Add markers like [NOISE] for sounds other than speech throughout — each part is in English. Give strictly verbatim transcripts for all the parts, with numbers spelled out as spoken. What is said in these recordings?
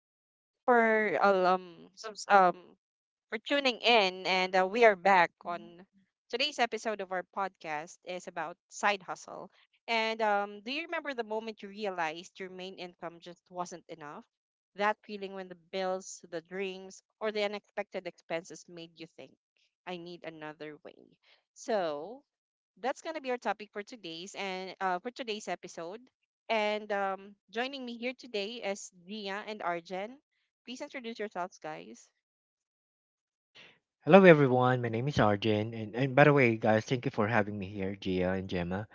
Thank you everyone for uh, um subs- um for tuning in, and uh, we are back on today's episode of our podcast is about side hustle. And um, Do you remember the moment you realized your main income just wasn't enough? That feeling when the bills, the dreams, or the unexpected expenses made you think, "I need another way." So that's gonna be our topic for today's and uh, for today's episode. And um, Joining me here today is Gia and Arjen. Please introduce yourselves, guys. Hello everyone, my name is Arjun, and, and by the way, guys, thank you for having me here, Gia and Gemma.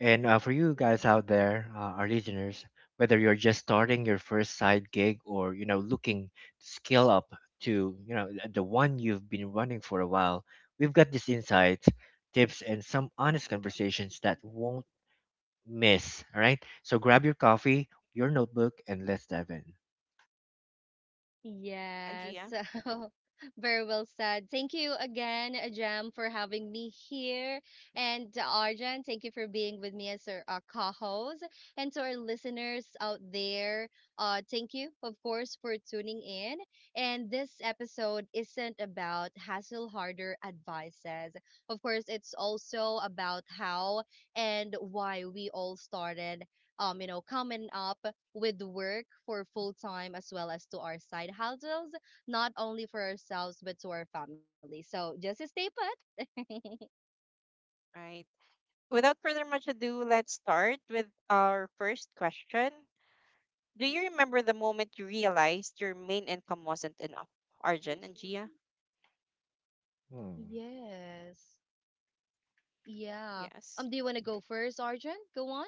And uh, For you guys out there, uh, our listeners, whether you're just starting your first side gig or you know looking to scale up to you know th- the one you've been running for a while, we've got these insights, tips, and some honest conversations that won't miss. All right, so grab your coffee, your notebook, and let's dive in. Hi, Yes. Gia. [LAUGHS] So very well said. Thank you again, Jam, for having me here. And uh, Arjan, thank you for being with me as our uh, co-host. And to our listeners out there, uh, thank you, of course, for tuning in. And this episode isn't about hassle harder advices. Of course, it's also about how and why we all started, um, you know, coming up with work for full time as well as to our side hustles, not only for ourselves but to our family. So just stay put. [LAUGHS] Right. Without further much ado, let's start with our first question. Do you remember the moment you realized your main income wasn't enough? Arjun and Gia? Hmm, Yes. Yeah. Um, Yes. Do you want to go first, Arjun? Go on.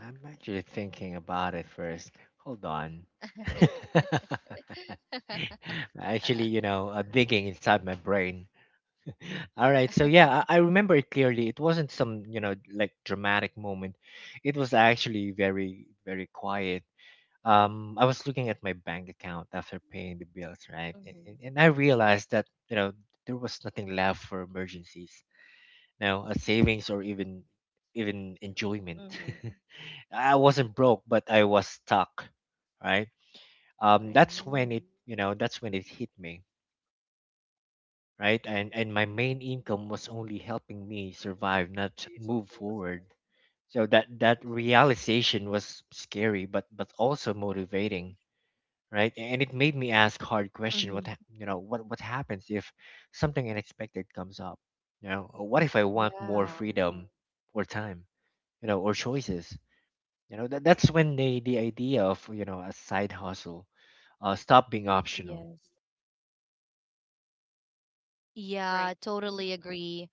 I'm actually thinking about it first. Hold on. [LAUGHS] [LAUGHS] [LAUGHS] Actually, you know, uh, digging inside my brain. All right, so yeah, I, I remember it clearly. It wasn't some, you know, like dramatic moment. It was actually very, very quiet. Um, I was looking at my bank account after paying the bills, right? A- And, Mhm, and I realized that, you know, there was nothing left for emergencies, you know, a savings or even even enjoyment. mhm, [LAUGHS] I wasn't broke, but I was stuck, right? Um, Right. That's when mhm, it, you know, that's when it hit me, right? And and my Mm-hmm. main income was only helping me survive, not move forward. So that that realization was scary, but but also motivating, right? And it made me ask hard question. What mhm. hap- you know? What what happens if something unexpected comes up? You know, or what if I want more Yeah. freedom or time? You know, or choices? You know, that that's when the the idea of you know a side hustle uh stop being optional. Yes. Right. Yeah, Mm-hmm. totally agree.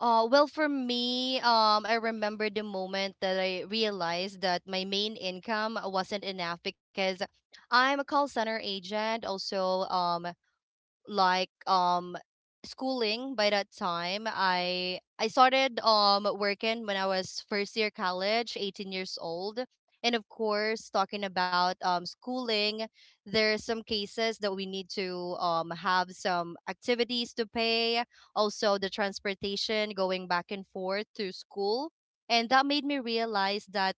Uh, well, for me, um, I remember the moment that I realized that my main income wasn't enough because I'm a call center agent. Also, um, like um schooling by that time i i started um working when I was first year college eighteen years old, and of course talking about um schooling, there are some cases that we need to um have some activities to pay, also the transportation going back and forth to school. And that made me realize that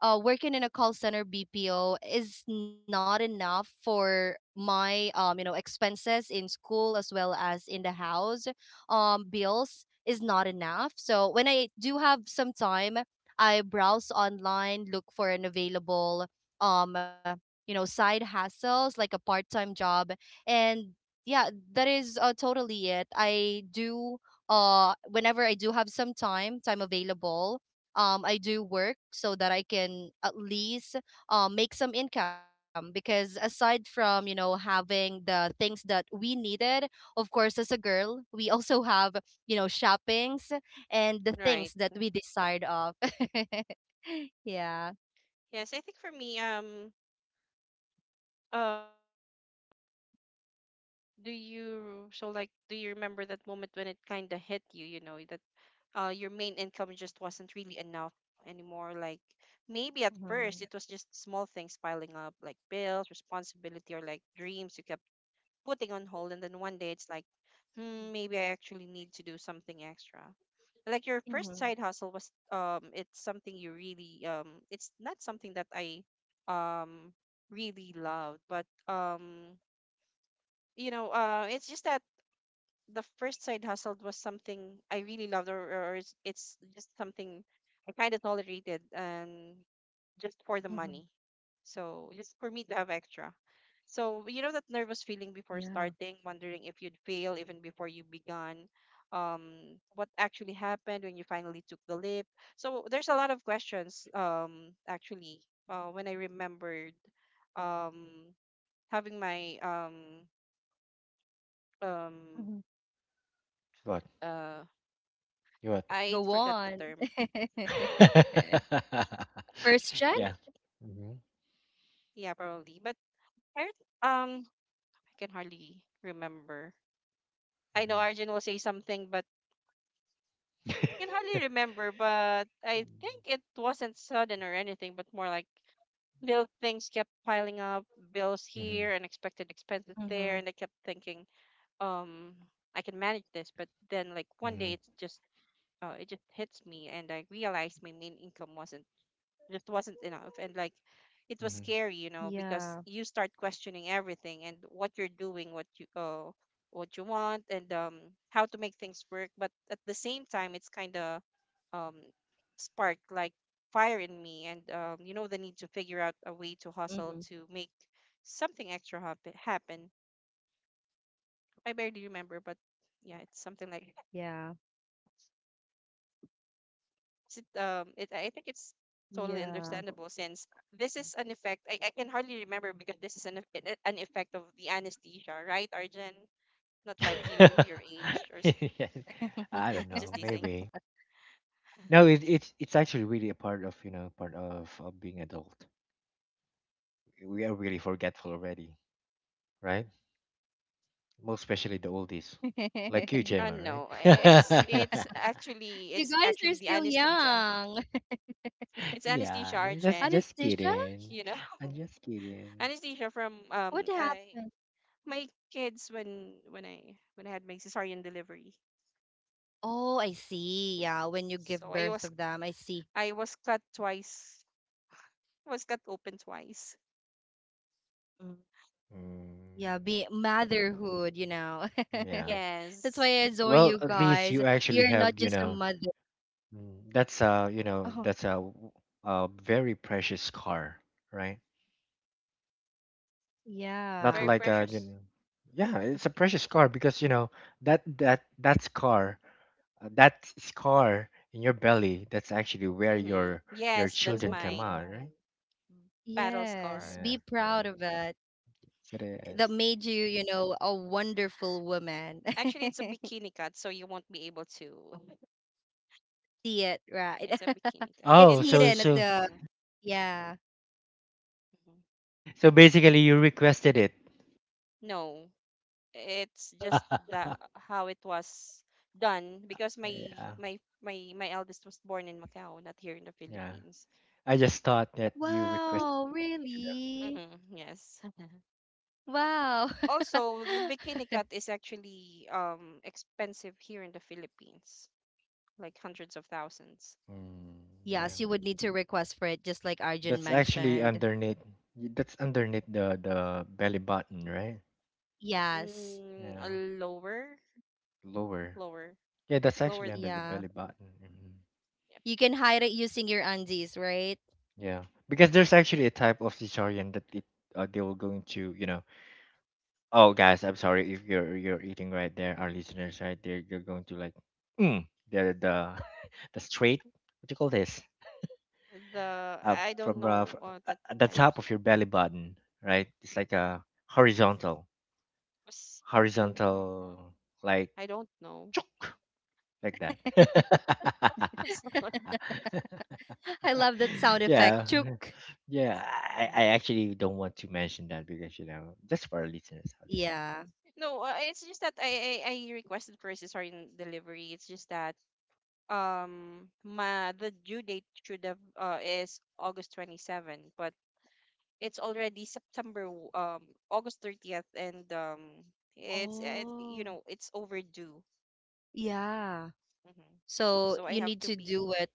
uh, working in a call center B P O is not enough for my um, you know expenses in school as well as in the house. Um, bills is not enough. So when I do have some time, I browse online, look for an available um, you know side hassles like a part time job. And yeah, that is uh, totally it. I do uh Whenever I do have some time time available, um, I do work so that I can at least um, make some income, because aside from you know having the things that we needed, of course as a girl we also have you know shoppings and the things Right. that we Mm-hmm. decide of. [LAUGHS] Yeah. Yes, I think for me, um, um, do you so like do you remember that moment when it kind of hit you? You know, uh, your main income just wasn't really enough anymore. Like maybe at first it Mm-hmm. was just small things piling up, like bills, responsibility, or like dreams you kept putting on hold. And then one day it's like, hmm, maybe I actually need to do something extra. Like your first side hustle was, um, it's something you really, um, it's not something that I, um, really loved, but um, you know, uh, it's just that the first side hustle was something I really loved, or, or it's it's just something I kind of tolerated, and just for the Hmm. money. So just for me to have extra. So you know that nervous feeling Yeah. before starting, wondering if you'd fail even before you began. Um, what actually happened when you finally took the leap? So there's a lot of questions. Um, actually, uh, when I remembered, um, having my um um Mhm. What? uh You I Go forgot the on. term. [LAUGHS] What? First check. [LAUGHS] Yeah. Mm-hmm. Yeah, probably. But I heard. um I can hardly remember. I know Mm-hmm. Arjun will say something, but I [LAUGHS] can hardly remember. But I think it wasn't sudden or anything, but more like little things kept piling up, bills Mm-hmm. here, unexpected expenses Mm-hmm. there, and I kept thinking, um, I can manage this. But then, like one Mm-hmm. day, it's just uh, it just hits me, and I realized my main income wasn't just wasn't enough, and like it was scary, you know, Yeah. because you start questioning everything and what you're doing, what you uh, what you want, and um how to make things work, but at the same time it's kind of um sparked like fire in me, and um you know, the need to figure out a way to Hmm. hustle to make something extra happen happen I barely remember, Yeah. but yeah, it's something like s- um, it, Yeah. I think it's totally understandable since this is an effect. I, I can hardly remember because this is an, eff- an an effect of the anesthesia, right, Arjun? Not like you, your age, or s- Mm-hmm. [LAUGHS] [LAUGHS] I don't [LAUGHS] just know, teasing. maybe. No, it, it's it's actually really a part of you know part of, of being adult. We are really forgetful already, right? Most especially the oldies, like you, Uh, Gemma, No, i- it's right? it's You actually guys it's are still actually the anesthesia. young. [LAUGHS] [LAUGHS] It's anesthesia, Yeah, I'm just Arjun. just Anesthesia? kidding. You know, I'm just [LAUGHS] kidding. anesthesia from What um I, happened? my kids when when I when I had my cesarean delivery. Oh, I see. Yeah, when you give So I birth was of them, I see. I was cut twice. Was cut open twice. Mm. Yeah, Mm, be Mm. motherhood, you know. yeah. [LAUGHS] That's why I Yes. adore Well, you at least guys. you actually You're not have, you just a know. mother. Mm, that's a, you know, Oh, that's a, w- a very precious car, right? yeah. Not Very like a, you precious. know, yeah, it's a precious car because, you know, that that that scar, uh, that scar in your belly, that's actually where Mm-hmm. your your Yes, that's children come my out, right? battle Yes, scar. Yeah, be yeah. proud of it. Yes, it That is. made you, you know, a wonderful woman. Actually, it's a [LAUGHS] bikini cut, so you won't be able to. [LAUGHS] See it, right? It's a [LAUGHS] bikini cut. It's Oh, so hidden It's at so the, hmm yeah. hmm so basically you requested it. No, it's [LAUGHS] just the how it was done because my Yeah, my my my eldest was born in Macau, not here in the yeah. Philippines. I just thought that you Wow, requested it, you really? Mm-hmm. Yes. [LAUGHS] Wow. [LAUGHS] Also, the bikini cut is actually um expensive here in the Philippines, like hundreds of thousands. know. Mm, Yes, yeah. you would need to request for it, just like Arjun That's actually mentioned. underneath. That's underneath the the belly button, right? Yes. Mm, Yeah, a lower, lower. lower, Yeah, that's lower. actually th- under the Yeah. belly Mhm. button. Hmm. Yep. You can hide it using your undies, right? [GASPS] Yeah, because there's actually a type of cesarean that it uh, they will going to, you know. Oh, guys, I'm sorry if you're you're eating right there. Our listeners right there, you're going to like, mm, the the [LAUGHS] the straight. What do you call this? The I Up don't from uh, fr- know, uh, uh, the at the top types of of. your belly button, right? It's like a horizontal, was- Mm, horizontal like. I don't know. Chok. Like that. [LAUGHS] Sorry. [LAUGHS] I love [LAUGHS] that sound effect. Yeah, Chook. yeah. I, I Um, actually don't want to mention that because you know just for our listeners out there. Yeah. No, uh, it's just that I, I I requested for cesarean delivery. It's just that um my the due date should have uh is August twenty seventh. But it's already September w- um August thirtieth, and um it's it, you Oh. know it's overdue. Yeah. Hmm. So So I you have need to to be, do it.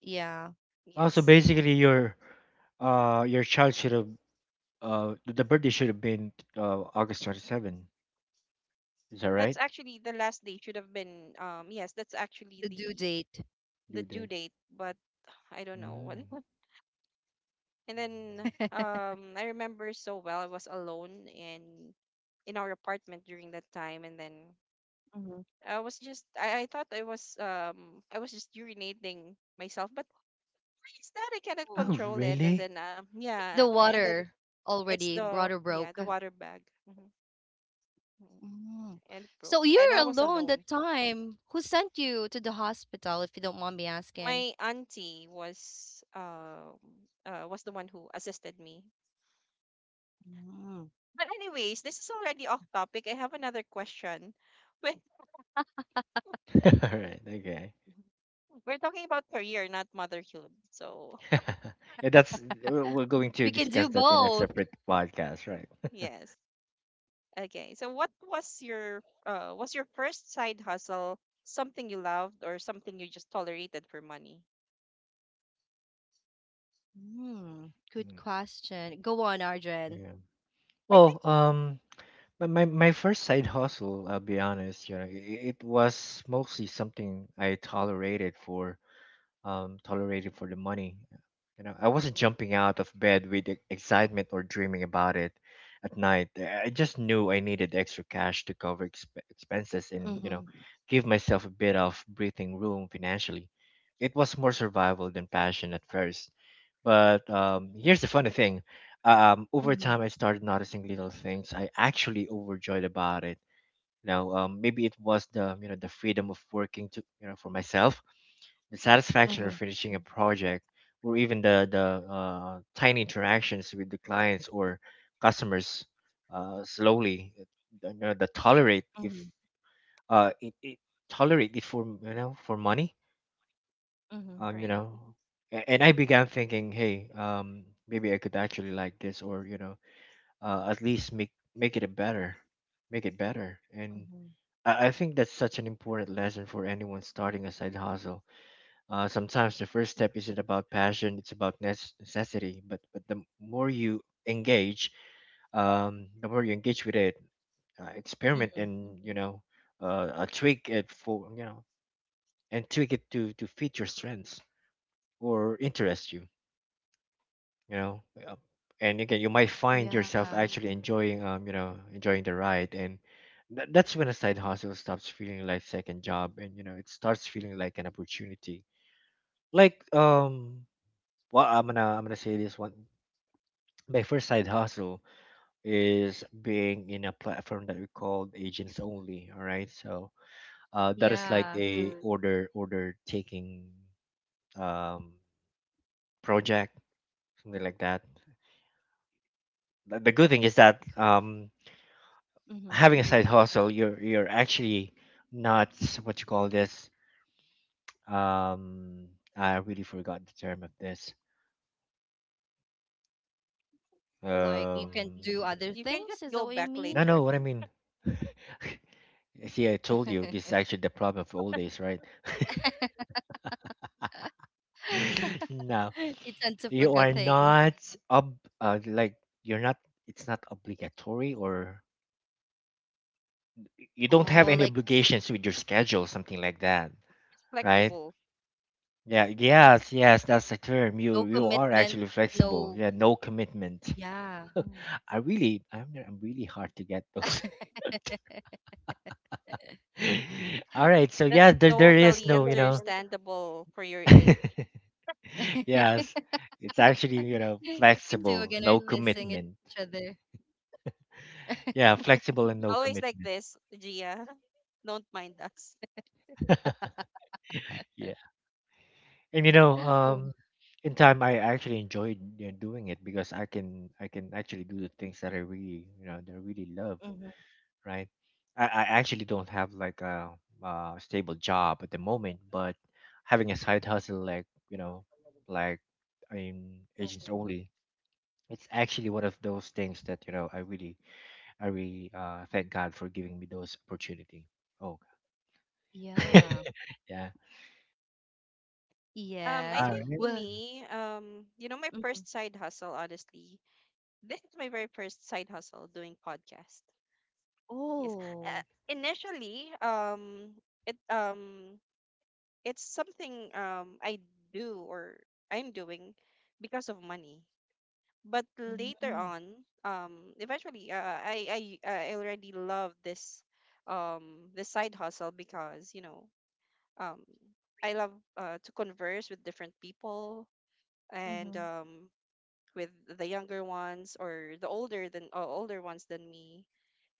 Yeah. Also, yes, I have. basically, your uh your child should have uh the birthday should have been uh August twenty seven. Is that That's right? actually the last date should have been, um, yes, that's The due actually the date. the Due due date. date, but I don't know Mm. what. [LAUGHS] And then, um, I remember so well. I was alone in in our apartment during that time, and then Hmm. I was just, I, I thought I was, um, I was just urinating myself, but it's that I cannot Oh. Oh, control it, and really? then, um, It's the yeah, and then water it's already. the, Water yeah, broke. the water bag. Hmm. Mm. And it broke, So and you're I was alone alone. that time. Who sent you to the hospital, if you don't mind me asking? My auntie was um uh, was the one who assisted me. Mm. But anyways, this is already off topic. I have another question when [LAUGHS] All right. Okay. we're talking about career, not motherhood, so [LAUGHS] Yeah, that's we're we're going to We can do discuss that in a both. separate podcast, right? [LAUGHS] yes. Okay, so what was your uh was your first side hustle, something you loved or something you just tolerated for money? Mm. Good Mm, question. Go on, Arjun. yeah. I Well, think. um, But my my first side hustle, I'll be honest, you know, it, it was mostly something I tolerated for um tolerated for the money. You know, I wasn't jumping out of bed with e- excitement or dreaming about it at night. I I just knew I needed extra cash to cover exp- expenses and, you know, Mhm. give myself a bit of breathing room financially. It was more survival than passion at first, but um, here's the funny thing. Um, over time, Mhm. I started noticing little things I actually overjoyed about it. Now, um, maybe it was the you know the freedom of working to you know for myself, the satisfaction of Mhm. finishing a project, or even the the uh, tiny interactions with the clients or customers uh, slowly. You know, the tolerate if Mhm. uh, it, it tolerate it for you know for money Mhm. um you Right. know a- And I began thinking, hey, um maybe I could actually like this, or you know, uh, at least make make it a better, make it better. And Mhm. I, I think that's such an important lesson for anyone starting a side hustle. Uh, sometimes the first step isn't about passion, it's about nes- necessity, but but the more you engage, um the more you engage with it, uh, experiment, Mhm. and you know, uh, uh, tweak it for you know and tweak it to to fit your strengths or interest you, you know, uh, and again you might find yourself Yeah. actually enjoying, um you know enjoying the ride. And tha- that's when a side hustle stops feeling like second job, and you know it starts feeling like an opportunity. Like, um, well, i'm gonna I'm gonna say this one. My first side hustle is being in a platform that we called agents only. All right, so uh, that is like Yeah. a order order taking um project, something like that. the the good thing is that um Mhm. having a side hustle, you're you're actually not, what you call this. Um, I really forgot the term of this. Like you Um, can do other You can just things. Is go that what back you no, mean? no, later. what I mean. [LAUGHS] See, I told you this is [LAUGHS] actually the problem of old days, right? [LAUGHS] [LAUGHS] No, You tend to you are forget things. not ob uh, like you're not. It's not obligatory, or you don't have Oh, any like. obligations with your schedule, something like that, [LAUGHS] right? Flexible. Yeah, yes, yes, that's the term. No You you are commitment, actually no, flexible. Yeah, no commitment. yeah. I really, I'm I'm really hard to get those. [LAUGHS] [LAUGHS] All right, so yeah, That's there there is totally no, you know. understandable for your age. [LAUGHS] Yes. It's actually, you know, You two flexible, again no are dissing each commitment. other. [LAUGHS] Yeah, flexible and no Always like commitment. this, Gia. [LAUGHS] Don't mind us. Yeah. And you know, um, Oh. in time I actually enjoyed, you know, doing it because I can, I can actually do the things that I really, you know, that I really love. Mm-hmm. Right? I, I actually don't have like a, uh stable job at the moment, but having a side hustle like, you know, like in agents Mm-hmm. only, it's actually one of those things that you know I really, I really, uh, thank God for giving me those opportunity. Oh, [LAUGHS] Yeah. yeah. Um, I All Yes. think right. Well, me, um, you know, my first mhm. side hustle, honestly, this is my very first side hustle doing podcast. Yes. Uh, Oh. initially, um, it um, it's something um I do or I'm doing because of money. But later Mm-hmm. on, um, eventually, uh, I I I already love this um this side hustle because you know, um, I love uh, to converse with different people, and Mm-hmm. um, with the younger ones or the older than uh, older ones than me.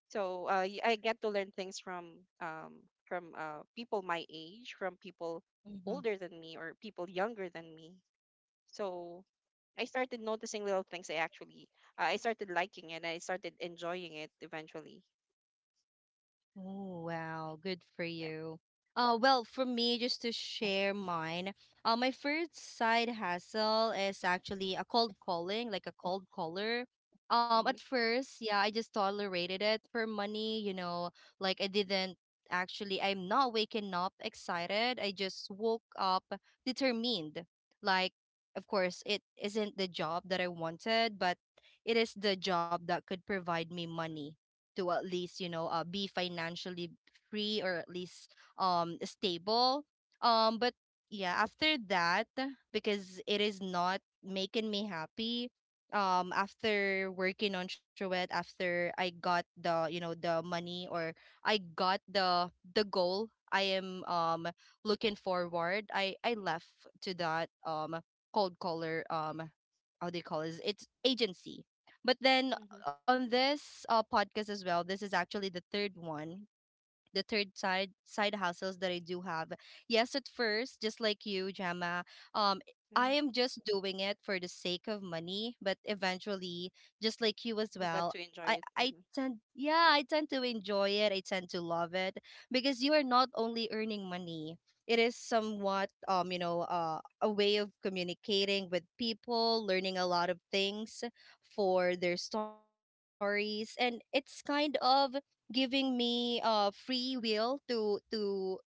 So uh, y- I get to learn things from um, from uh, people my age, from people Mm-hmm. older than me or people younger than me. So I started noticing little things. I actually uh, I started liking it. I started enjoying it eventually. Oh, wow. Good for Yep. you. Uh, well, for me, just to share mine, uh, my first side hustle is actually a cold calling, like a cold caller. Um, at Mhm. first, yeah, I just tolerated it for money, you know, like I didn't actually, I'm not waking up excited. I just woke up determined. Like, of course, it isn't the job that I wanted, but it is the job that could provide me money to at least you know uh, be financially free, or at least um stable. Um but yeah, after that, because it is not making me happy um after working on Truett, after I got the you know the money, or I got the the goal I am um looking forward, I I left to that um cold caller. Um how do you call it, it's agency. But then Mhm. on this uh, podcast as well, this is actually the third one, the third side side hustles that I do have. Yes, at first, just like you, Gemma, um, I Mhm. am just doing it for the sake of money, but eventually, just like you as Glad to well, I enjoy it. I Mhm. tend yeah, I tend to enjoy it. I tend to love it because you are not only earning money. It is somewhat um, you know, uh, a way of communicating with people, learning a lot of things for their stories, and it's kind of giving me uh free will to to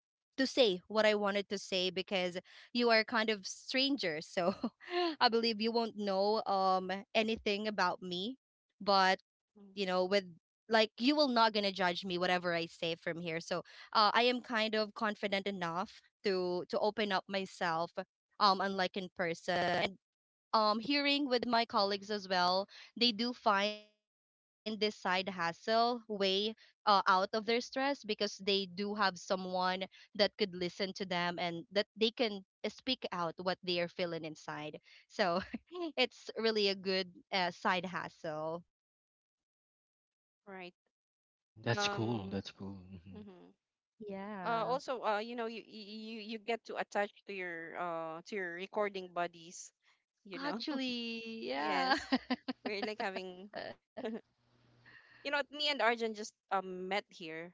to say what I wanted to say, because you are kind of stranger. So [LAUGHS] I believe you won't know um anything about me. But you know, Mhm. with like you will not gonna judge me whatever I say from here. So uh, I am kind of confident enough to to open up myself, um unlike in person. Um, hearing with my colleagues as well, they do find this side hustle way uh, out of their stress, because they do have someone that could listen to them and that they can speak out what they are feeling inside. So [LAUGHS] it's really a good uh, side hustle. Right. That's cool. Um. That's cool. Hmm. Mhm. uh Yeah. Also, uh you know, you you you get to attach to your uh to your recording buddies, you know. [LAUGHS] Actually, yeah. Yes. [LAUGHS] We're like having, you know, me and Arjun just um met here.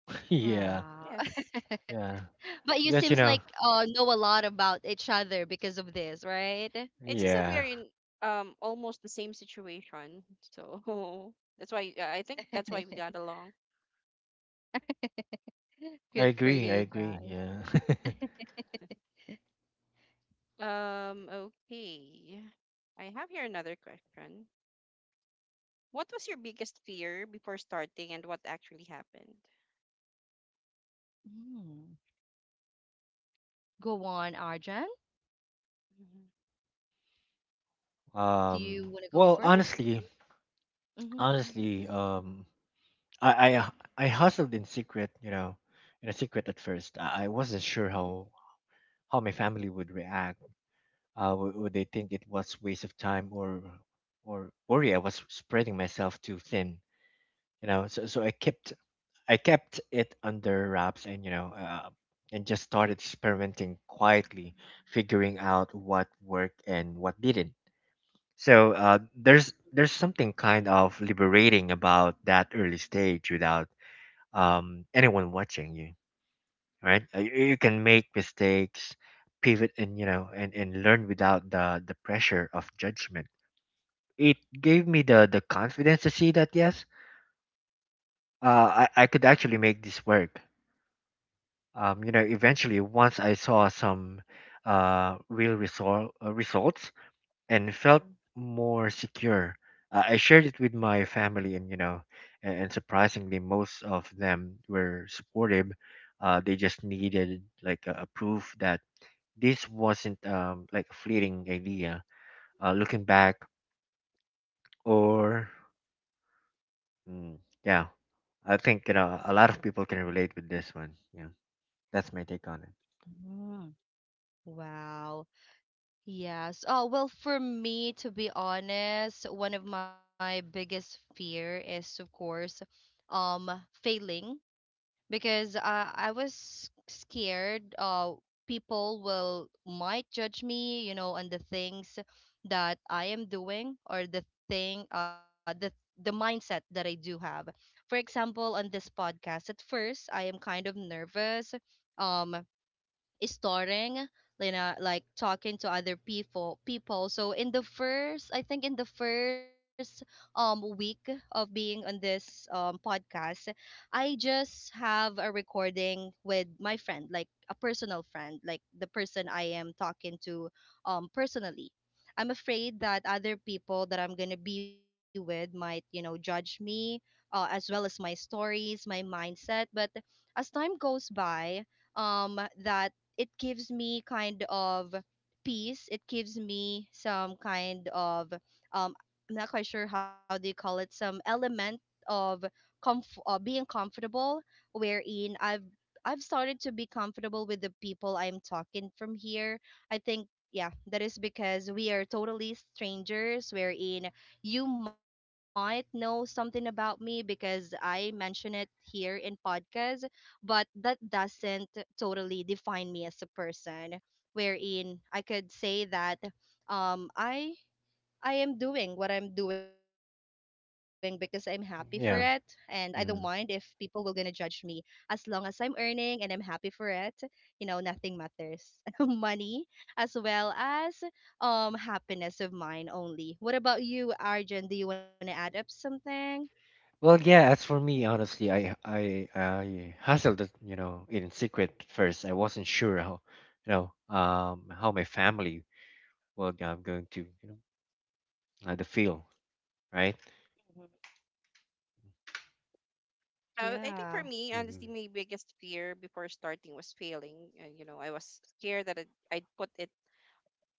[LAUGHS] Yeah, Wow. Yes. [LAUGHS] yeah. But you Mhm. Because you seems like know, uh know a lot about each other because of this, right? It's just that we are yeah. in um almost the same situation, so [LAUGHS] that's why i I think that's [LAUGHS] why we got along. [LAUGHS] Good I for agree. I you agree. guys. Yeah. Yeah. [LAUGHS] Um okay, I have here another question. What was your biggest fear before starting and what actually happened? Mm. Go on, Arjan. [LAUGHS] Do Um. you want to go Well, first? honestly, Mm-hmm. honestly, um, I I I hustled in secret, you know, in a secret at first. I, I wasn't sure how how my family would react. Uh, would, would they think it was waste of time, or or worry I was spreading myself too thin, you know? So so I kept, I kept it under wraps, and you know, uh, and just started experimenting quietly, figuring out what worked and what didn't. So uh, there's there's something kind of liberating about that early stage without, um, anyone watching you, right? Uh, you, you can make mistakes, pivot, and you know, and, and learn without the the pressure of judgment. It gave me the the confidence to see that yes, uh, I I could actually make this work. Um, you know, eventually once I saw some uh real result uh, results and felt more secure. I I shared it with my family, and you know, and, and surprisingly, most of them were supportive. Uh, they just needed like a, a proof that this wasn't, um, like a fleeting idea. Uh, looking back, or mm, yeah, I think you know a lot of people can relate with this one. Yeah, that's my take on it. Mm. Wow. Yes. Oh, well, for me, to be honest, one of my biggest fear is, of course, um, failing, because uh, I was scared uh people will might judge me, you know, on the things that I am doing, or the thing uh the the mindset that I do have. For example, on this podcast, at first I am kind of nervous. Um Starting, you know like talking to other people people so in the first I think in the first um week of being on this um podcast, I just have a recording with my friend, like a personal friend, like the person I am talking to um personally. I'm afraid that other people that I'm going to be with might you know judge me, uh, as well as my stories, my mindset. But as time goes by, um that it gives me kind of peace. It gives me some kind of um I'm not quite sure how they call it, some element of comf- uh, being comfortable, wherein I've I've started to be comfortable with the people I'm talking from here. I think, yeah, that is because we are totally strangers, wherein you might know something about me because I mention it here in podcast, but that doesn't totally define me as a person, wherein I could say that um i i am doing what I'm doing because I'm happy for it, and I don't mind Yeah. if people will gonna judge me, as long as I'm earning and I'm happy for it. You know nothing matters. [LAUGHS] Money as well as um happiness of mine only. What about you, Arjun, do you want to add up something? Well, yeah, as for me, honestly, I I I hustled it, you know, in secret at first. I wasn't sure how, you know, um, how my family, well, I'm going to, you know, uh, the feel, right? Uh, I Yeah. think for me, honestly, Hmm. my biggest fear before starting was failing. Uh, you know, I was scared that I'd, I'd put it,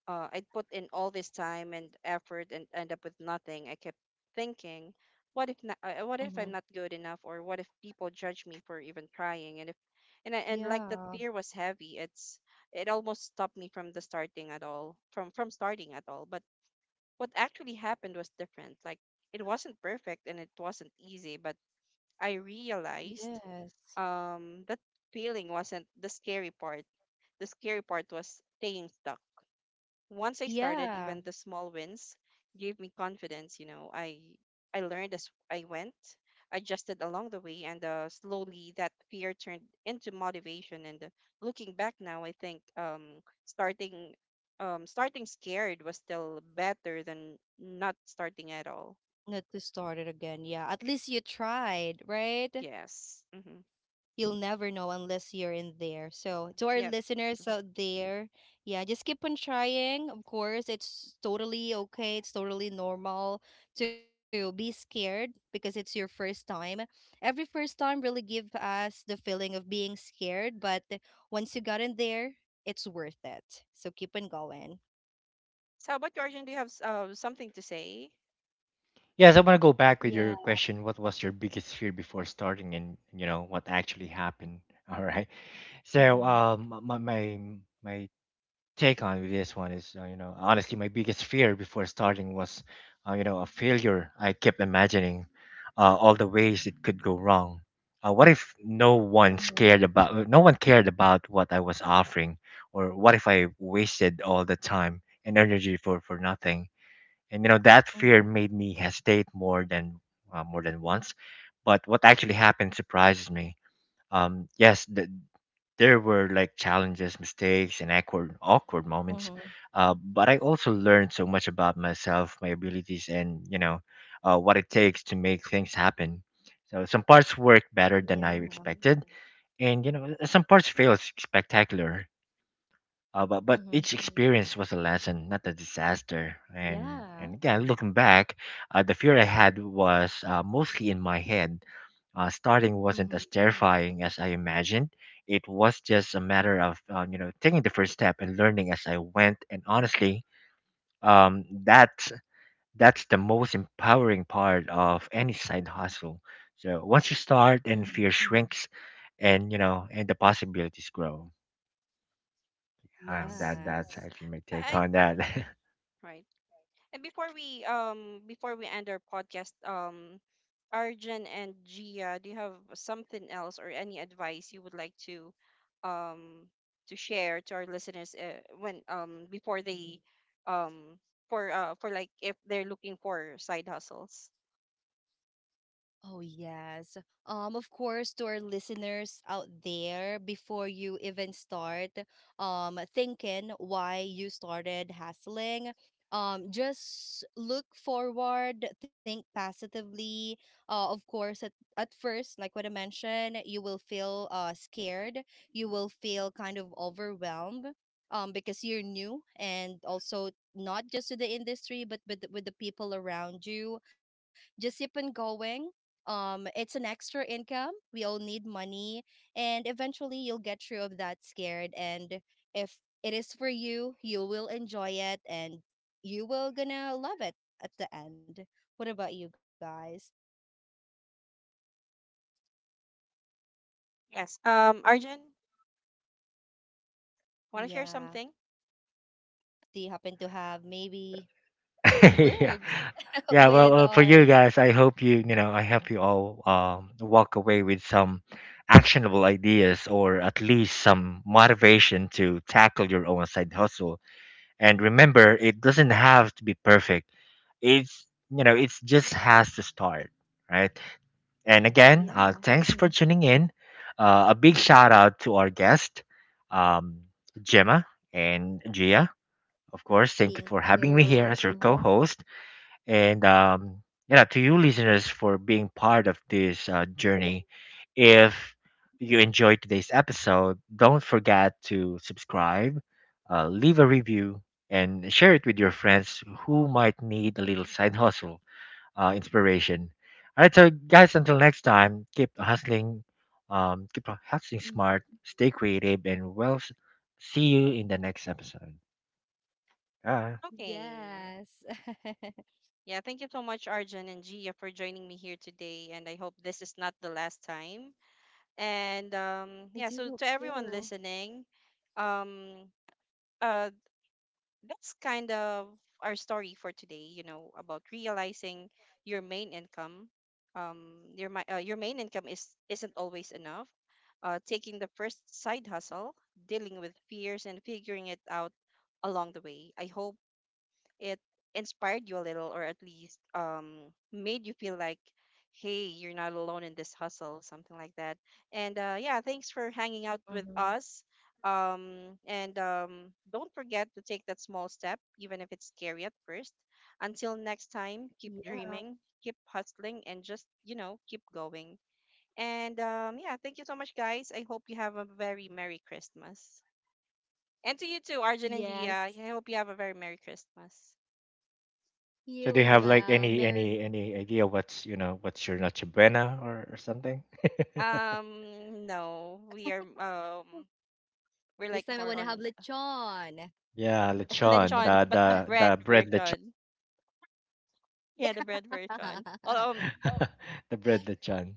uh, I'd put in all this time and effort and end up with nothing. I kept thinking, what if not, uh, what Mm-hmm. if I'm not good enough, or what if people judge me for even trying? And if, and I, and like that Yeah. fear was heavy. It's it almost stopped me from the starting at all, from from starting at all. But what actually happened was different. Like it wasn't perfect and it wasn't easy, but I realized Yes. um that feeling wasn't the scary part. The scary part was staying stuck. Once I started, Yeah, even the small wins gave me confidence, you know. I I learned as I went, adjusted along the way, and uh, slowly that fear turned into motivation. And uh, looking back now, I think um starting um starting scared was still better than not starting at all. not to start it again. Yeah, at least you tried, right? Yes. Mm-hmm. You'll never know unless you're in there. So, Mm-hmm. to our Yep. listeners Mm. out there, yeah, just keep on trying. Of course, it's totally okay. It's totally normal to be scared because it's your first time. Every first time really give us the feeling of being scared, but once you got in there, it's worth it. So, keep on going. So, how about you, Arjun? Do you have s- uh, something to say? Yes, I want to go Yeah. back with your question. What was your biggest fear before starting, and you know what actually happened? [LAUGHS] All right. So, Mm-hmm. um, my my my take on with this one is, uh, you know, honestly, my biggest fear before starting was, uh, you know, a failure. I kept imagining uh, all the ways it could go wrong. Uh, what if no one Mm-hmm. scared about, uh, no one cared about what I was offering, or what if I wasted all the time and energy for for nothing? And you know, that fear Mm-hmm. made me hesitate more than uh, more than once. But what actually happened surprises me. Um, yes, the, there were like challenges, mistakes, and awkward, awkward moments. Mm-hmm. Uh, but I also learned so much about myself, my abilities, and you know, uh, what it takes to make things happen. So some parts worked Yeah. better than I expected, and you know, some parts failed spectacular. Uh, but but Mhm. each experience was a lesson, not a disaster. And and Yeah. again, looking back, uh, the fear I had was, uh, mostly in my head. Uh, starting Mhm. wasn't as terrifying as I imagined. It was just a matter of, uh, you know, taking the first step and learning as I went. And honestly, um, that's that's the most empowering part of any side hustle. So once you start, Mhm. and fear shrinks, and you know and the possibilities grow. Uh, Yes. that that's Yes. actually my take I. on that. [LAUGHS] Right. And before we um before we end our podcast, um Arjun and Gia, do you have something else or any advice you would like to um to share to our listeners, uh, when um before they, um for uh for like if they're looking for side hustles? Oh, yes. Um, of course, to our listeners out there, before you even start um, thinking why you started hustling, um, just look forward, think positively. Uh, of course, at, at first, like what I mentioned, you will feel uh, scared, you will feel kind of overwhelmed. Um, because you're new and also not just to the industry but with, with the people around you, just keep on going. Um it's an extra income, we all need money, and eventually you'll get through of that scared. And if it is for you, you will enjoy it, and you will gonna love it at the end. What about you guys? Yes. Um Arjun, want to share Yeah, something? do you happen to have maybe [LAUGHS] Yeah, words [LAUGHS] yeah, well, with uh, for our you guys, I hope you, you know I hope you all, um, walk away with some actionable ideas or at least some motivation to tackle your own side hustle. And remember, it doesn't have to be perfect, it's, you know, it just has to start, right? And yeah, again, uh, thanks for tuning in. Uh, a big shout out to our guest, um, Gemma and Gia. Of course, thank you thank for having me here you. as your co-host. And um, yeah, to you listeners for being part of this, uh, journey. If you enjoyed today's episode, don't forget to subscribe, uh, leave a review, and share it with your friends who might need a little side hustle uh, inspiration. All right, so guys, until next time, keep hustling, um, keep Hmm. hustling smart, stay creative, and well, s- see you in the next episode. Bye. Yes. Okay. [LAUGHS] I Yeah, thank you so much, Arjun and Gia, for joining me here today. And I hope this is not the last time, and do hope um yeah, so to too. everyone listening, um uh that's kind of our story for today, you know, about realizing your main income, um your mi- uh, your main income is isn't always enough, uh taking the first side hustle, dealing with fears and figuring it out along the way. I hope it inspired you a little, or at least um made you feel like, hey, you're not alone in this hustle, something like that. And uh yeah, thanks for Hmm. hanging out with us, um and um don't forget to take that small step even if it's scary at first. Until next time, Yeah. keep dreaming, keep hustling, and just, you know keep going. And um yeah, thank you so much, guys. I hope you have a very Merry Christmas. And to you too, Arjun and Yes. Dia, I hope you have a very Merry Christmas. You as So, do you have well. like any Mer. any any idea what's, you know, what's your noche buena or, or something? Mm. Um, no, we are This um time I wanna have we're like more lechon. on [LAUGHS] Yeah, lechon, lechon, the but the the bread the bread lechon, version. Yeah. Yeah, the bread [LAUGHS] version. Um, [LAUGHS] the bread lechon.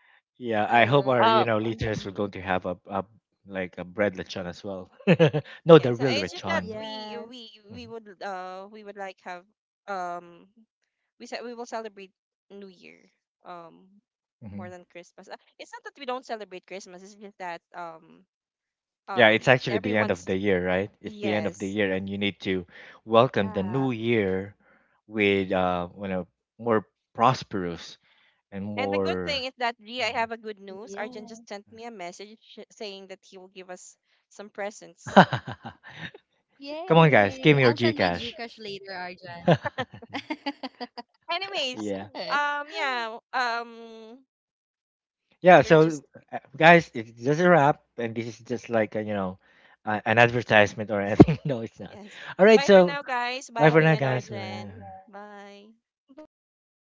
All Yeah, I right. hope our, uh, you know, listeners are mhm. going to have a, a like a bread lechon as well. [LAUGHS] No, Yeah. the So real it's just that lechon. Yes. we we we Mm-hmm. would, uh we would like have, um we said we will celebrate New Year, um Hmm. more than Christmas. Uh, It's not that we don't celebrate Christmas. It's just that um Yeah, um it's actually the end of everyone's. the year, right? It's the end of the Yes. year, and you need to Yeah. welcome the new year with, uh, you know, more prosperous and And the good more. thing is that G, Yeah. I have a good news. Arjun just sent me a message sh- saying that he will give us some presents. [LAUGHS] [LAUGHS] Yay! I'll Come on, send my guys, give me your GCash later, GCash. Arjan. [LAUGHS] [LAUGHS] Anyways, Yeah, um, yeah, um, yeah. you're just. So, uh, guys, it- this is a wrap, and this is just like a, you know, uh, an advertisement or anything. [LAUGHS] No, it's not. Yes. All right, Bye for so now, guys. bye Bye, for G now, and guys. Bye. Arjun. Bye. Bye bye.